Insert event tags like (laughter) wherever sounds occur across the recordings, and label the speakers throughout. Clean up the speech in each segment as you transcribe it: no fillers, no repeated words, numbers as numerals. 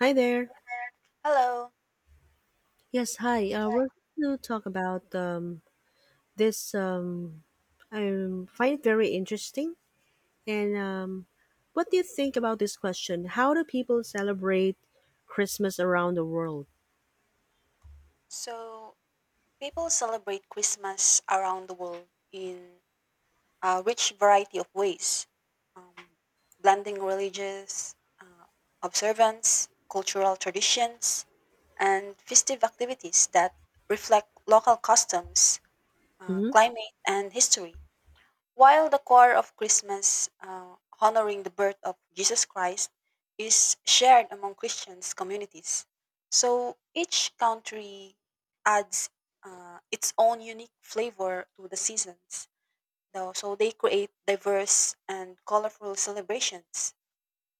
Speaker 1: Hi there.
Speaker 2: Hello.
Speaker 1: Yes, hi. We're going to talk about this. I find it very interesting. And what do you think about this question? How do people celebrate Christmas around the world?
Speaker 2: So, People celebrate Christmas around the world in a rich variety of ways, um, blending religious observance, cultural traditions, and festive activities that reflect local customs,
Speaker 1: hmm
Speaker 2: climate, and history. While the core of Christmas, honoring the birth of Jesus Christ, is shared among Christians communities, so each country adds its own unique flavor to the seasons. So they create diverse and colorful celebrations.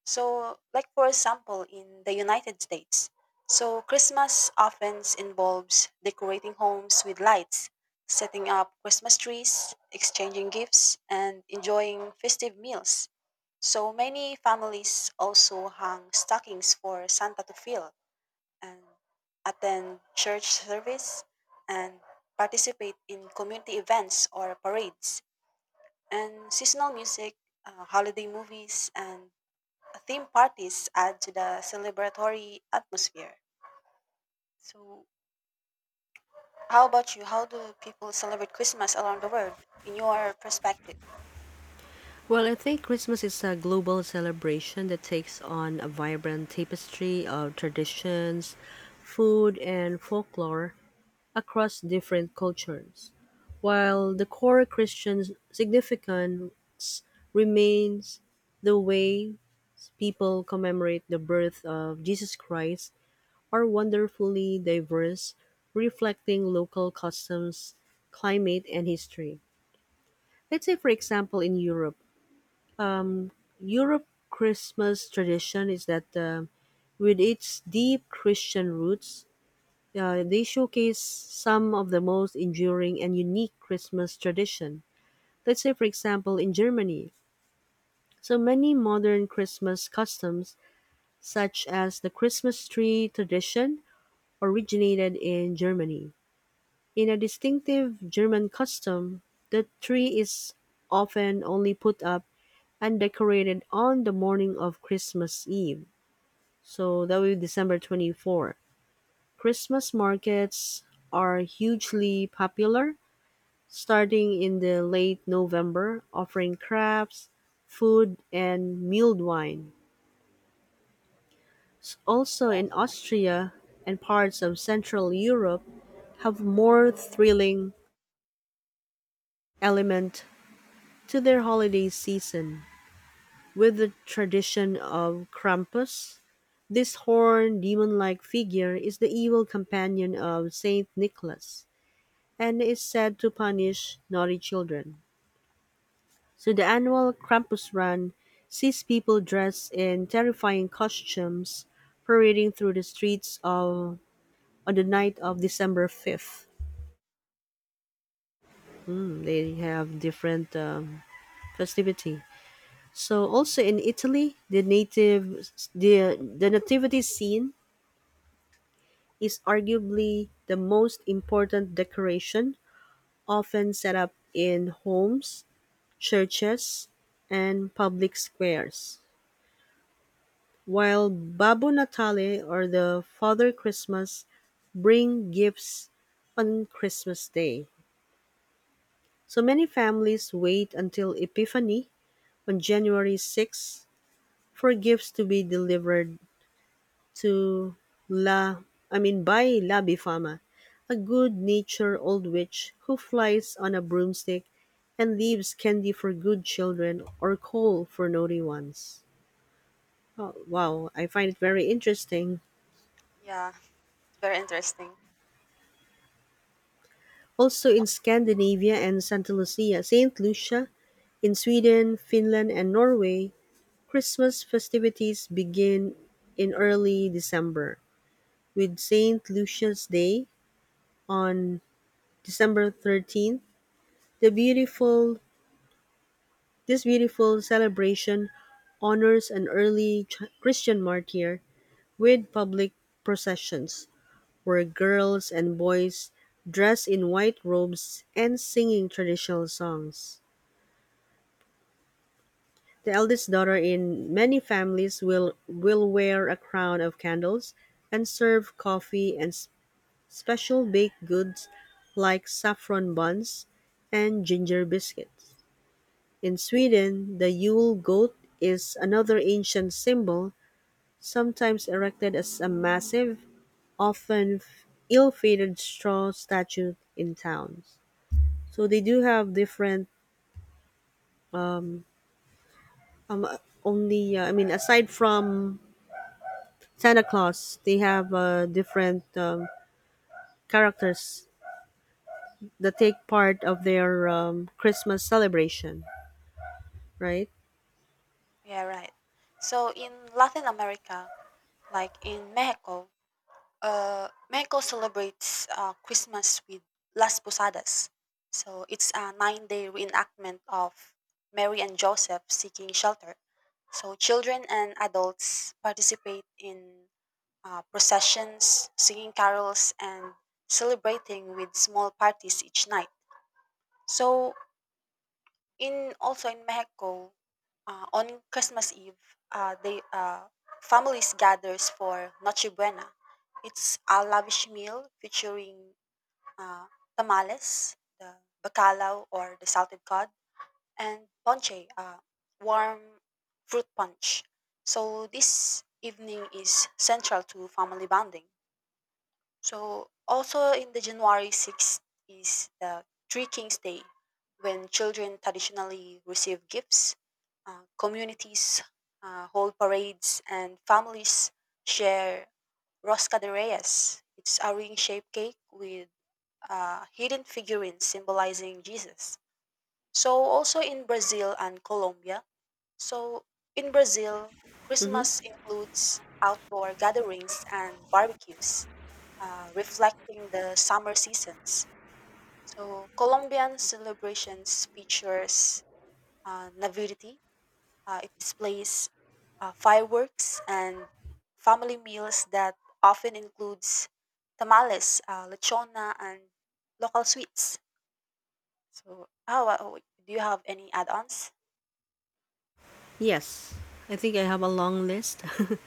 Speaker 2: So, like for example, in the United States, so Christmas often involves decorating homes with lights, setting up Christmas trees, exchanging gifts, and enjoying festive meals. So many families also hang stockings for Santa to fill and attend church service and participate in community events or parades and seasonal music, holiday movies, and theme parties add to the celebratory atmosphere. So, how about you? How do people celebrate Christmas around the world in your perspective?
Speaker 1: Well, I think Christmas is a global celebration that takes on a vibrant tapestry of traditions, food, and folklore across different cultures, while the core Christian significance remains the way people commemorate the birth of Jesus Christ are wonderfully diverse, reflecting local customs, climate, and history. Let's say, for example, in Europe, Christmas tradition is that with its deep Christian roots, they showcase some of the most enduring and unique Christmas tradition. Let's say, for example, in Germany, so many modern Christmas customs, such as the Christmas tree tradition, originated in Germany. In a distinctive German custom, the tree is often only put up and decorated on the morning of Christmas Eve. So that will be December 24. Christmas markets are hugely popular starting in the late November, offering crafts, food, and mulled wine. Also in Austria and parts of Central Europe have more thrilling element to their holiday season with the tradition of Krampus. This horned demon-like figure is the evil companion of Saint Nicholas and is said to punish naughty children. So the annual Krampus Run sees people dressed in terrifying costumes parading through the streets of on the night of December 5th. Mm, they have different festivity. So also in Italy, the native the nativity scene is arguably the most important decoration often set up in homes, churches, and public squares. While Babu Natale or the Father Christmas bring gifts on Christmas Day. So many families wait until Epiphany on January 6 for gifts to be delivered to La I mean by La Bifama, a good-natured old witch who flies on a broomstick and leaves candy for good children or coal for naughty ones. Oh, wow, I find it very interesting.
Speaker 2: Yeah, very interesting.
Speaker 1: Also in Scandinavia and Santa Lucia, Saint Lucia, in Sweden, Finland and Norway, Christmas festivities begin in early December, with Saint Lucia's Day on December 13th. The beautiful This beautiful celebration honors an early Christian martyr with public processions where girls and boys dress in white robes and singing traditional songs. The eldest daughter in many families will wear a crown of candles and serve coffee and special baked goods like saffron buns and ginger biscuits. In Sweden, the Yule goat is another ancient symbol, sometimes erected as a massive, often ill-fated straw statue in towns. So they do have different um, um only I mean aside from Santa Claus. They have different characters that take part of their Christmas celebration, right?
Speaker 2: Yeah, right. So, in Latin America, like in Mexico, Mexico celebrates Christmas with Las Posadas. So, it's a 9 day reenactment of Mary and Joseph seeking shelter. So children and adults participate in processions, singing carols, and celebrating with small parties each night. So in also in Mexico, on Christmas Eve, they families gathers for Noche Buena. It's a lavish meal featuring uh, tamales, the bacalao or the salted cod, and ponche, warm fruit punch. So this evening is central to family bonding. So also in the January 6th is the Three Kings Day when children traditionally receive gifts, communities hold parades, and families share rosca de reyes. It's a ring-shaped cake with hidden figurines symbolizing Jesus. So also in Brazil and Colombia. So in Brazil,
Speaker 1: hmm
Speaker 2: Christmas includes outdoor gatherings and barbecues reflecting the summer seasons. So Colombian celebrations features navidity. It displays fireworks and family meals that often includes tamales, lechona, and local sweets. So, do you have any add-ons?
Speaker 1: Yes, I think I have a long list. (laughs)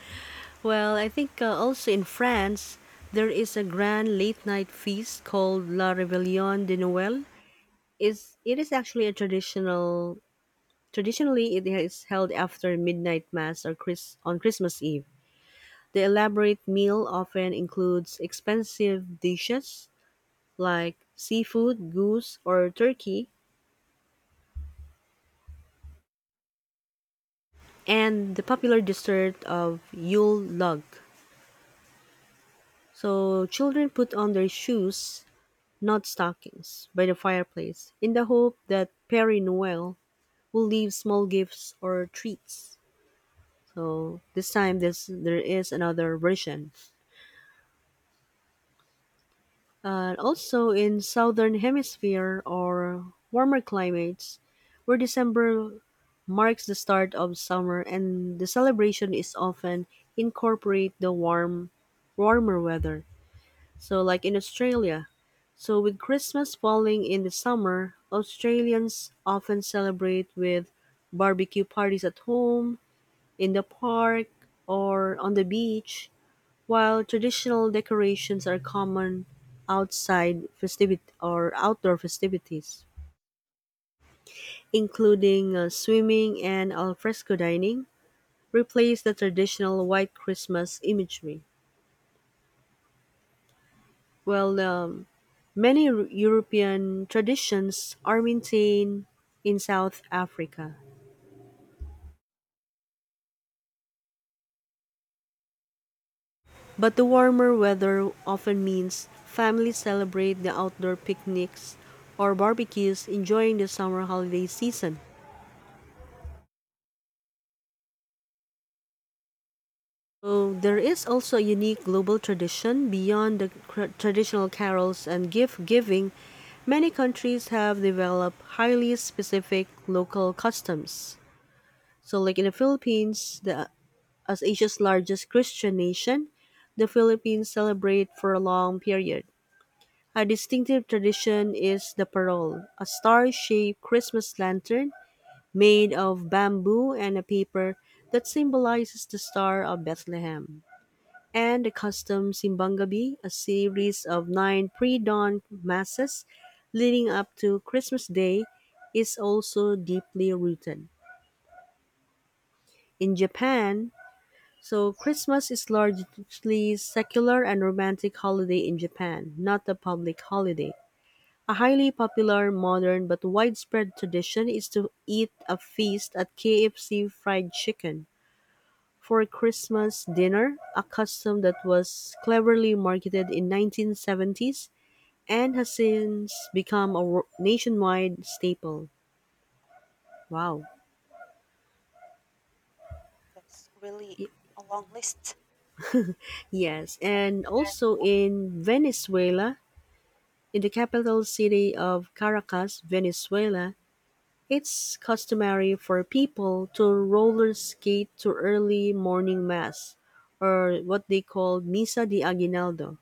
Speaker 1: Well, I think also in France there is a grand late night feast called La Réveillon de Noël. Is it is actually a traditional Traditionally it is held after midnight mass or on Christmas Eve. The elaborate meal often includes expensive dishes like seafood, goose, or turkey, and the popular dessert of Yule log. So, children put on their shoes, not stockings, by the fireplace in the hope that Perry Noël will leave small gifts or treats. So, there is another version. And also in southern hemisphere or warmer climates, where December marks the start of summer and the celebration is often incorporate the warmer weather. So like in Australia. So with Christmas falling in the summer, Australians often celebrate with barbecue parties at home, in the park, or on the beach while traditional decorations are common outside festivit or outdoor festivities, including swimming and alfresco dining, replace the traditional white Christmas imagery. Well, many European traditions are maintained in South Africa, but the warmer weather often means families celebrate the outdoor picnics or barbecues, enjoying the summer holiday season. So there is also a unique global tradition beyond the traditional carols and gift giving. Many countries have developed highly specific local customs. So, like in the Philippines, as Asia's largest Christian nation, the Philippines celebrate for a long period. A distinctive tradition is the parol, a star-shaped Christmas lantern made of bamboo and a paper that symbolizes the star of Bethlehem and the custom Simbangabi, a series of nine pre dawn masses leading up to Christmas Day, is also deeply rooted. In Japan, so Christmas is largely secular and romantic holiday in Japan, not a public holiday. A highly popular, modern, but widespread tradition is to eat a feast at KFC fried chicken for Christmas dinner, a custom that was cleverly marketed in 1970s and has since become a nationwide staple. Wow.
Speaker 2: That's really
Speaker 1: Y-
Speaker 2: a long list.
Speaker 1: Yes, and also in Venezuela, in the capital city of Caracas, Venezuela, it's customary for people to roller skate to early morning mass or what they call Misa de Aguinaldo.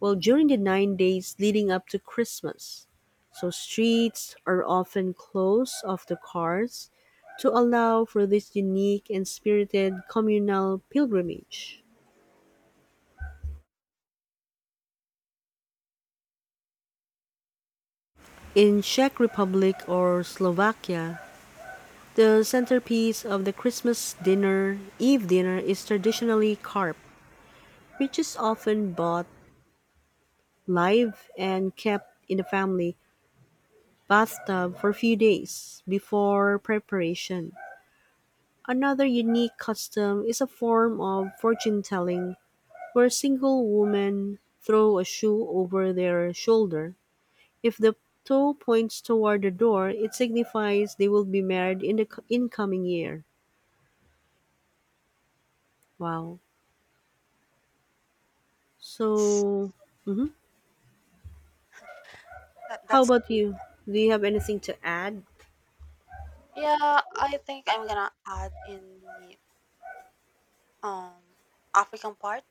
Speaker 1: Well, during the 9 days leading up to Christmas, so streets are often closed off to cars to allow for this unique and spirited communal pilgrimage. In Czech Republic or Slovakia, the centerpiece of the Christmas dinner, Eve dinner, is traditionally carp, which is often bought live and kept in the family bathtub for a few days before preparation. Another unique custom is a form of fortune telling where single women throw a shoe over their shoulder. If the toe points toward the door, it signifies they will be married in the incoming year. Wow.
Speaker 2: That's,
Speaker 1: So, mhm.
Speaker 2: that-
Speaker 1: How
Speaker 2: that's
Speaker 1: about you? Do you have anything to add?
Speaker 2: yeah. I think I'm gonna add in the um African part,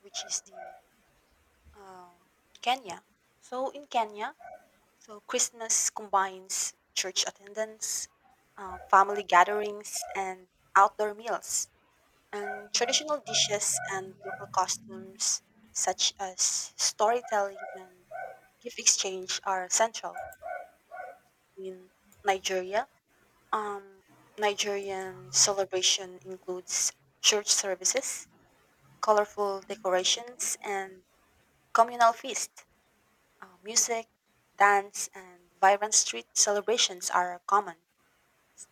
Speaker 2: which is the Um, Kenya. So in Kenya, so Christmas combines church attendance, family gatherings, and outdoor meals, and traditional dishes and local costumes such as storytelling and gift exchange are central. In Nigeria, um, Nigerian celebration includes church services, colorful decorations, and communal feast. Music, dance, and vibrant street celebrations are common.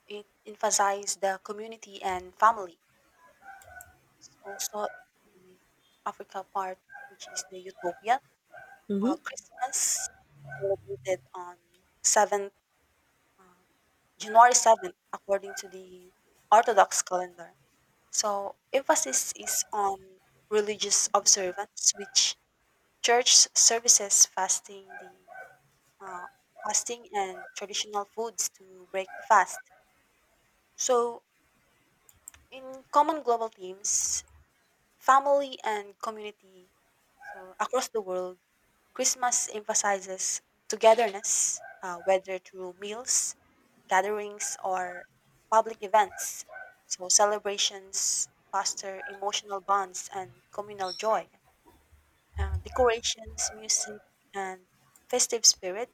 Speaker 2: It emphasizes the community and family. Also, the Africa part, which is the Utopia,
Speaker 1: Mm-hmm.
Speaker 2: Christmas is celebrated on 7th, uh, January 7th, according to the Orthodox calendar. So, emphasis is on religious observance, which church services, fasting, the uh, fasting and traditional foods to break the fast. So, in common global themes, family and community. So, across the world, Christmas emphasizes togetherness, whether through meals, gatherings, or public events. So, celebrations foster emotional bonds and communal joy. Decorations, music, and festive spirit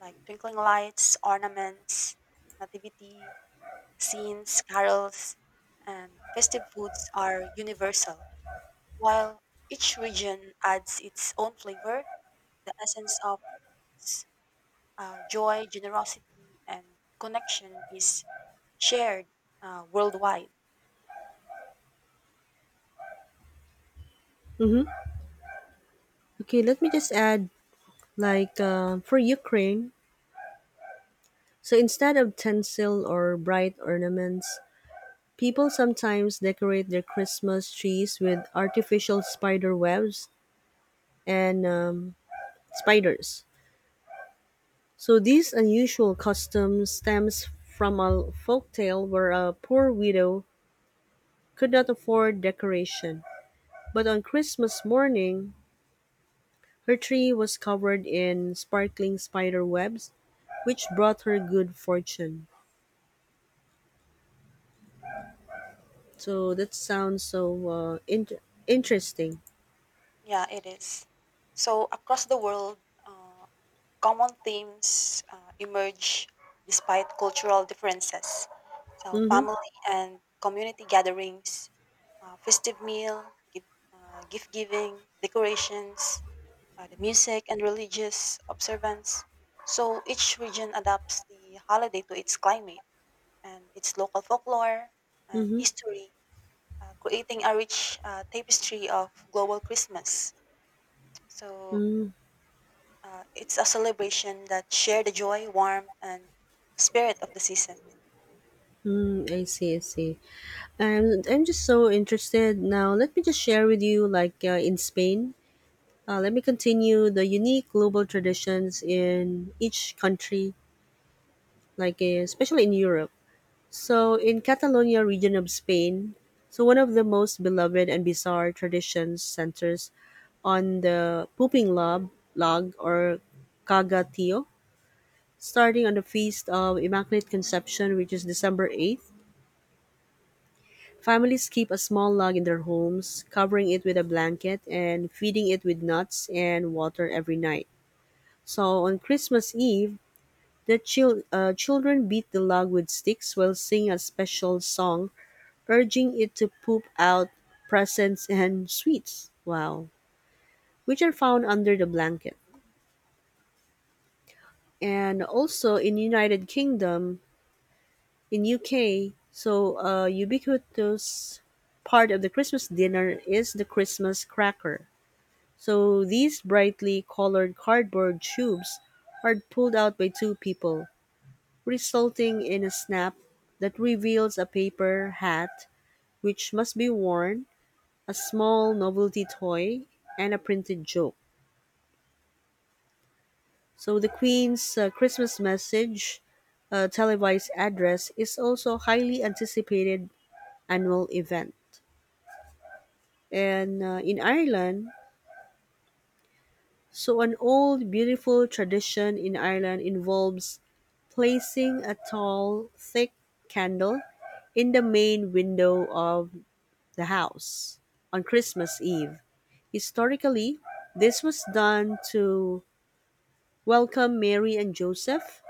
Speaker 2: like twinkling lights, ornaments, nativity scenes, carols, and festive foods are universal. While each region adds its own flavor, the essence of joy, generosity, and connection is shared worldwide.
Speaker 1: Okay, let me just add like for Ukraine. So instead of tinsel or bright ornaments, people sometimes decorate their Christmas trees with artificial spider webs and spiders. So this unusual custom stems from a folk tale where a poor widow could not afford decoration, but on Christmas morning, her tree was covered in sparkling spider webs, which brought her good fortune. So that sounds so interesting.
Speaker 2: Yeah, it is. So, across the world, uh, common themes emerge despite cultural differences. So
Speaker 1: Mm-hmm.
Speaker 2: family and community gatherings, uh, festive meal, gift, gift giving, decorations, the music and religious observance. So each region adapts the holiday to its climate and its local folklore and
Speaker 1: Mm-hmm.
Speaker 2: history, creating a rich tapestry of global Christmas. So
Speaker 1: Mm-hmm.
Speaker 2: it's a celebration that share the joy, warmth, and spirit of the season.
Speaker 1: Mm-hmm. I see. I see. I'm just so interested now. Let me just share with you, like in Spain, let me continue the unique global traditions in each country, like especially in Europe. So, in Catalonia region of Spain, so one of the most beloved and bizarre traditions centers on the pooping log, or cagatío, starting on the feast of Immaculate Conception, which is December 8th. Families keep a small log in their homes, covering it with a blanket and feeding it with nuts and water every night. So on Christmas Eve, children beat the log with sticks while singing a special song, urging it to poop out presents and sweets. Wow. Which are found under the blanket. And also in United Kingdom, in UK, so ubiquitous part of the Christmas dinner is the Christmas cracker. So these brightly colored cardboard tubes are pulled out by two people, resulting in a snap that reveals a paper hat which must be worn, a small novelty toy, and a printed joke. So the Queen's Christmas message, televised address, is also a highly anticipated annual event. And in Ireland, so an old, beautiful tradition in Ireland involves placing a tall, thick candle in the main window of the house on Christmas Eve. Historically, this was done to welcome Mary and Joseph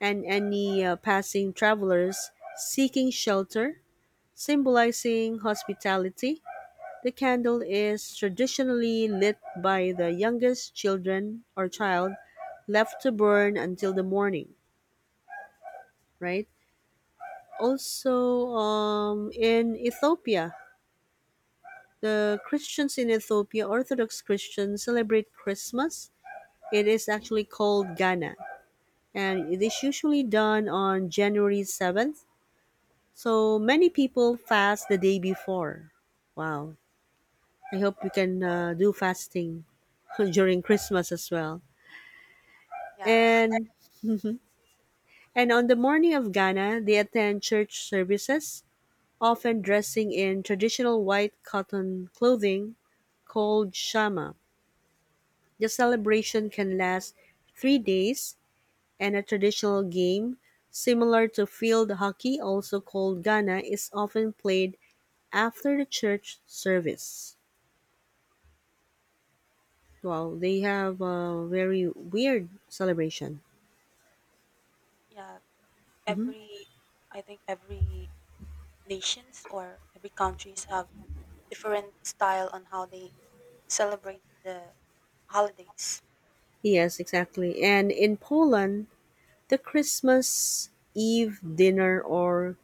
Speaker 1: and any passing travelers seeking shelter, symbolizing hospitality. The candle is traditionally lit by the youngest children or child left to burn until the morning, right? Also, in Ethiopia, the Christians in Ethiopia, Orthodox Christians, celebrate Christmas. It is actually called Ghana, and it is usually done on January 7th. So many people fast the day before. Wow. I hope we can do fasting (laughs) during Christmas as well.
Speaker 2: Yeah.
Speaker 1: And (laughs) and on the morning of Ghana, they attend church services, often dressing in traditional white cotton clothing called shama. The celebration can last 3 days, and a traditional game similar to field hockey, also called Ghana, is often played after the church service. Wow, they have a very weird celebration.
Speaker 2: (laughs) Yeah. every I think every nations or every countries have different style on how they celebrate the holidays.
Speaker 1: Yes, exactly. And in Poland, the Christmas Eve dinner or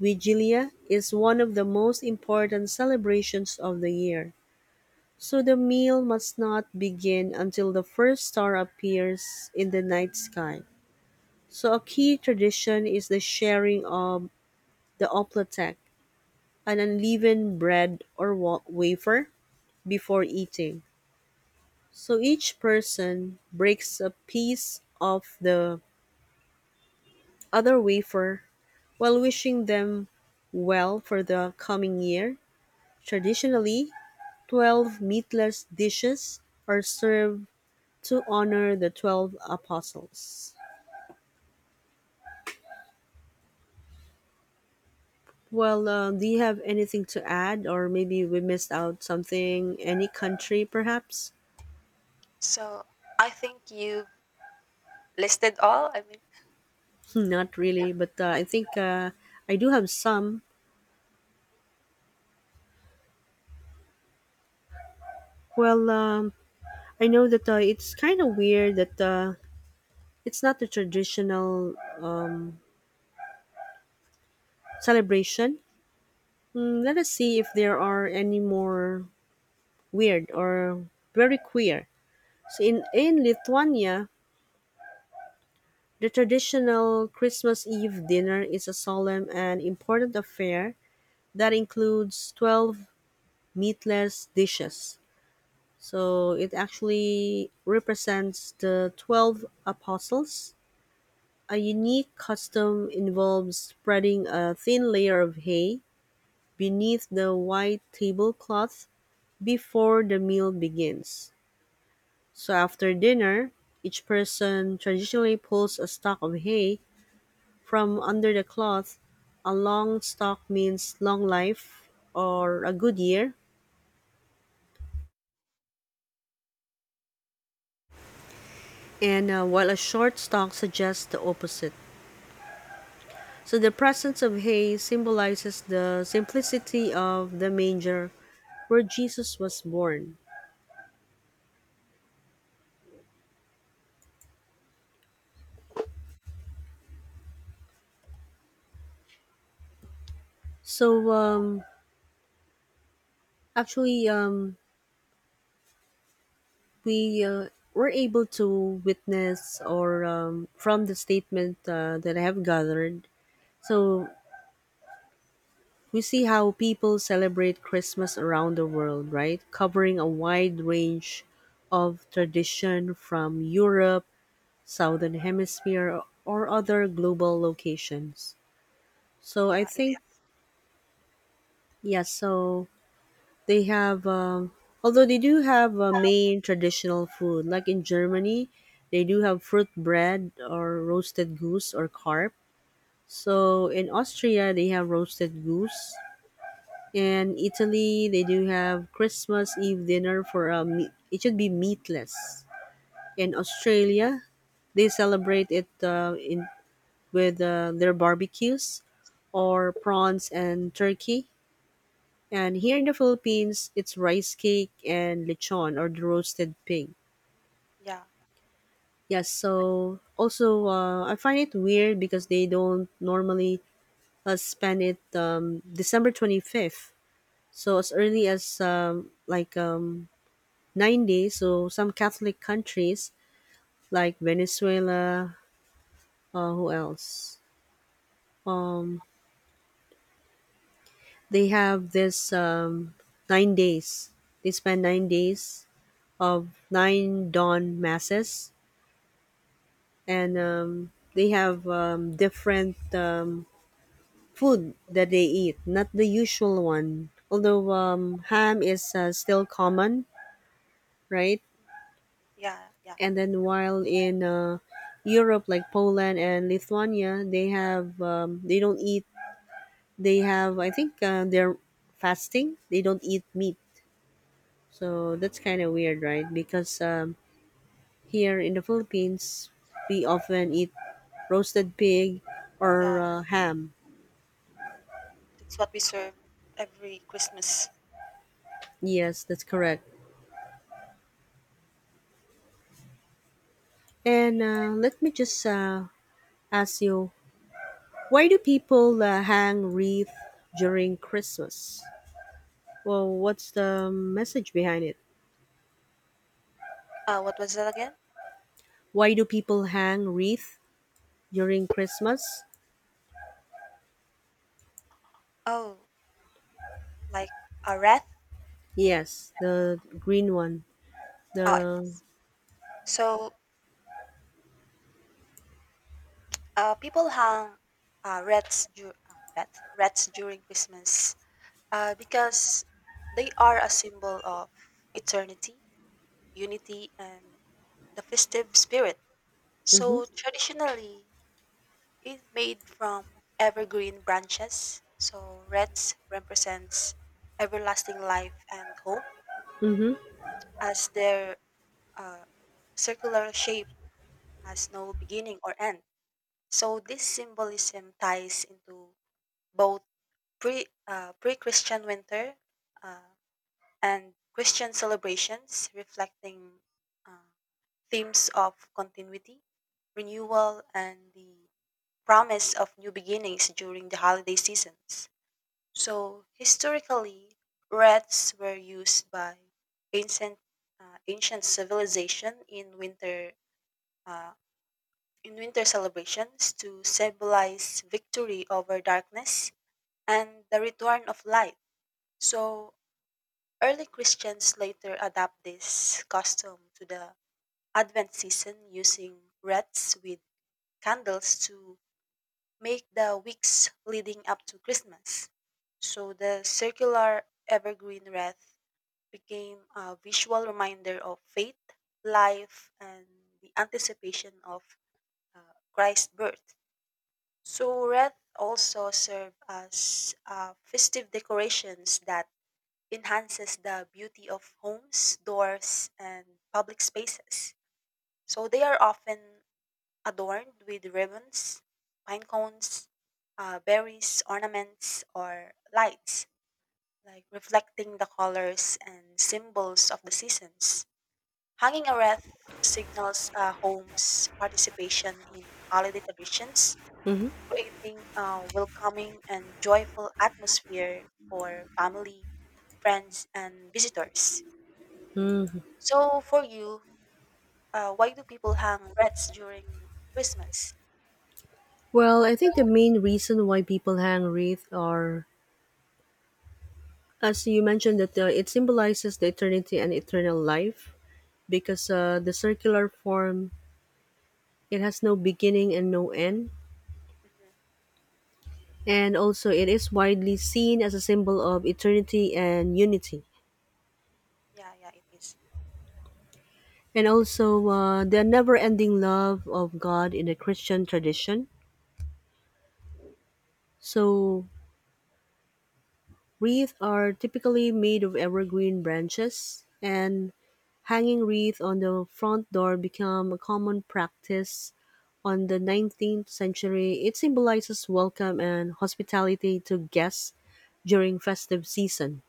Speaker 1: "vigilia" is one of the most important celebrations of the year, so the meal must not begin until the first star appears in the night sky. So a key tradition is the sharing of the oplatek, an unleavened bread or wafer, before eating. So each person breaks a piece of the other wafer while wishing them well for the coming year. Traditionally, 12 meatless dishes are served to honor the 12 apostles. Well, do you have anything to add, or maybe we missed out something? Any country, perhaps?
Speaker 2: So I think you listed all. I mean,
Speaker 1: (laughs) Not
Speaker 2: yeah,
Speaker 1: really, but I think I do have some. Well, I know that it's kind of weird that it's not a traditional celebration. Mm, let us see if there are any more weird or very queer. So in Lithuania, the traditional Christmas Eve dinner is a solemn and important affair that includes 12 meatless dishes. So it actually represents the 12 apostles. A unique custom involves spreading a thin layer of hay beneath the white tablecloth before the meal begins. So after dinner, each person traditionally pulls a stalk of hay from under the cloth. A long stalk means long life or a good year, and while a short stalk suggests the opposite. So the presence of hay symbolizes the simplicity of the manger where Jesus was born. So actually, we were able to witness, or from the statement that I have gathered. So we see how people celebrate Christmas around the world, right? Covering a wide range of tradition from Europe, Southern Hemisphere, or other global locations. So I
Speaker 2: yeah, it
Speaker 1: think,
Speaker 2: is.
Speaker 1: yeah, so they have, although they do have a main traditional food, like in Germany, they do have fruit bread or roasted goose or carp. So in Austria, they have roasted goose. In Italy, they do have Christmas Eve dinner for a meat. It should be meatless. In Australia, they celebrate it in with their barbecues or prawns and turkey. And here in the Philippines, it's rice cake and lechon or the roasted pig.
Speaker 2: Yeah,
Speaker 1: Yes, so also I find it weird because they don't normally spend it December 25th. So as early as 90, so some Catholic countries like Venezuela, who else, um, they have this, 9 days, they spend 9 days of nine dawn masses, and they have, different, food that they eat, not the usual one, although ham is still common, right?
Speaker 2: yeah, yeah,
Speaker 1: And then while in uh, Europe, like Poland and Lithuania, they have, they don't eat. They have, I think they're fasting. They don't eat meat, so that's kind of weird, right? Because here in the Philippines, we often eat roasted pig or
Speaker 2: yeah.
Speaker 1: ham.
Speaker 2: That's what we serve every Christmas.
Speaker 1: Yes, that's correct. And let me just ask you, why do people hang wreath during Christmas? Well, what's the message behind it?
Speaker 2: What was that again?
Speaker 1: Why do people hang wreath during Christmas?
Speaker 2: Oh, like a wreath.
Speaker 1: Yes, the green one.
Speaker 2: Oh, it
Speaker 1: The
Speaker 2: is. So, people hang wreaths during Christmas. Because they are a symbol of eternity, unity, and the festive spirit.
Speaker 1: mhm,
Speaker 2: So traditionally, it's made from evergreen branches. So reds represents everlasting life and hope,
Speaker 1: mhm,
Speaker 2: as their uh, circular shape has no beginning or end. So this symbolism ties into both pre Christian winter. Uh, and Christian celebrations reflecting uh, themes of continuity, renewal, and the promise of new beginnings during the holiday seasons. So, historically, wreaths were used by ancient ancient civilization uh, in winter celebrations to symbolize victory over darkness and the return of light. So, early Christians later adapt this custom to the Advent season using wreaths with candles to make the weeks leading up to Christmas. So the circular evergreen wreath became a visual reminder of faith, life, and the anticipation of uh, Christ's birth. So wreath also serve as festive decorations that enhances the beauty of homes, doors, and public spaces. So they are often adorned with ribbons, pine cones, berries, ornaments, or lights, like reflecting the colors and symbols of the seasons. Hanging a wreath signals a home's participation in holiday traditions,
Speaker 1: mhm.
Speaker 2: creating a welcoming and joyful atmosphere for family, friends, and visitors.
Speaker 1: Mm.
Speaker 2: So for you, why do people hang wreaths during Christmas?
Speaker 1: Well, I think the main reason why people hang wreath are, as you mentioned, that it symbolizes the eternity and eternal life because the circular form, it has no beginning and no end,
Speaker 2: Mhm.
Speaker 1: and also it is widely seen as a symbol of eternity and unity,
Speaker 2: Yeah, yeah, it is.
Speaker 1: and also the never-ending love of God in the Christian tradition. So, wreaths are typically made of evergreen branches, and hanging wreath on the front door became a common practice on the 19th century. It symbolizes welcome and hospitality to guests during festive season.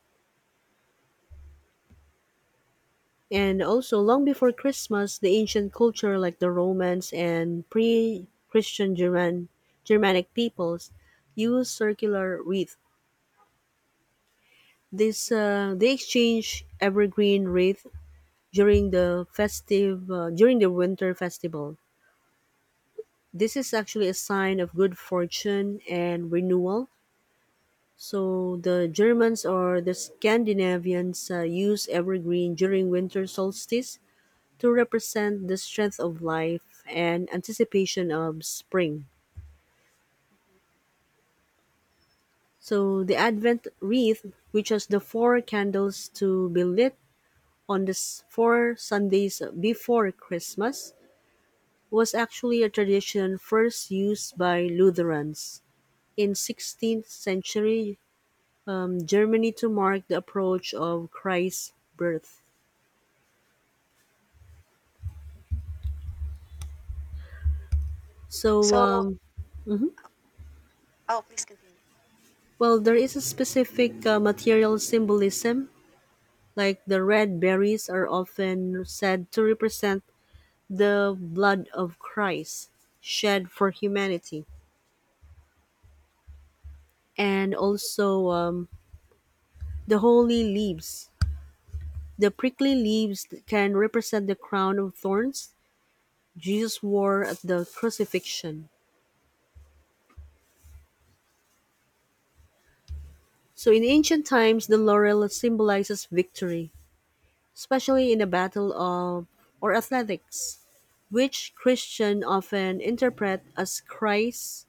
Speaker 1: And also, long before Christmas, the ancient culture like the Romans and pre-Christian German Germanic peoples used circular wreath. This They exchange evergreen wreath during the winter festival. This is actually a sign of good fortune and renewal. So the Germans or the Scandinavians use evergreen during winter solstice to represent the strength of life and anticipation of spring.
Speaker 2: Mhm.
Speaker 1: So the Advent wreath, which has the four candles to be lit on the four Sundays before Christmas, was actually a tradition first used by Lutherans in 16th century Germany to mark the approach of Christ's birth. So,
Speaker 2: So,
Speaker 1: um, mhm.
Speaker 2: oh, please continue.
Speaker 1: Well, there is a specific material symbolism, like the red berries are often said to represent the blood of Christ shed for humanity, and also the holy leaves. The prickly leaves can represent the crown of thorns Jesus wore at the crucifixion. So in ancient times, the laurel symbolizes victory, especially in a battle of or athletics, which Christians often interpret as Christ's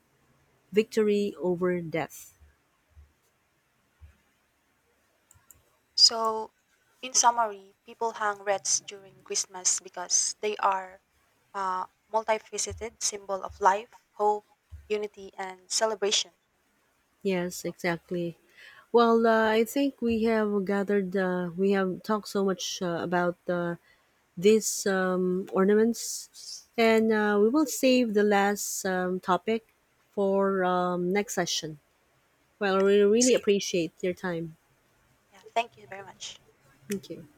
Speaker 1: victory over death.
Speaker 2: So, in summary, people hang wreaths during Christmas because they are uh, multifaceted symbol of life, hope, unity, and celebration.
Speaker 1: Yes,
Speaker 2: So,
Speaker 1: exactly. Well, I think we have gathered, we have talked so much about these ornaments, and we will save the last topic for next session. Well,
Speaker 2: yeah,
Speaker 1: we really
Speaker 2: see you.
Speaker 1: appreciate your time.
Speaker 2: Yeah, thank you very much.
Speaker 1: Thank you.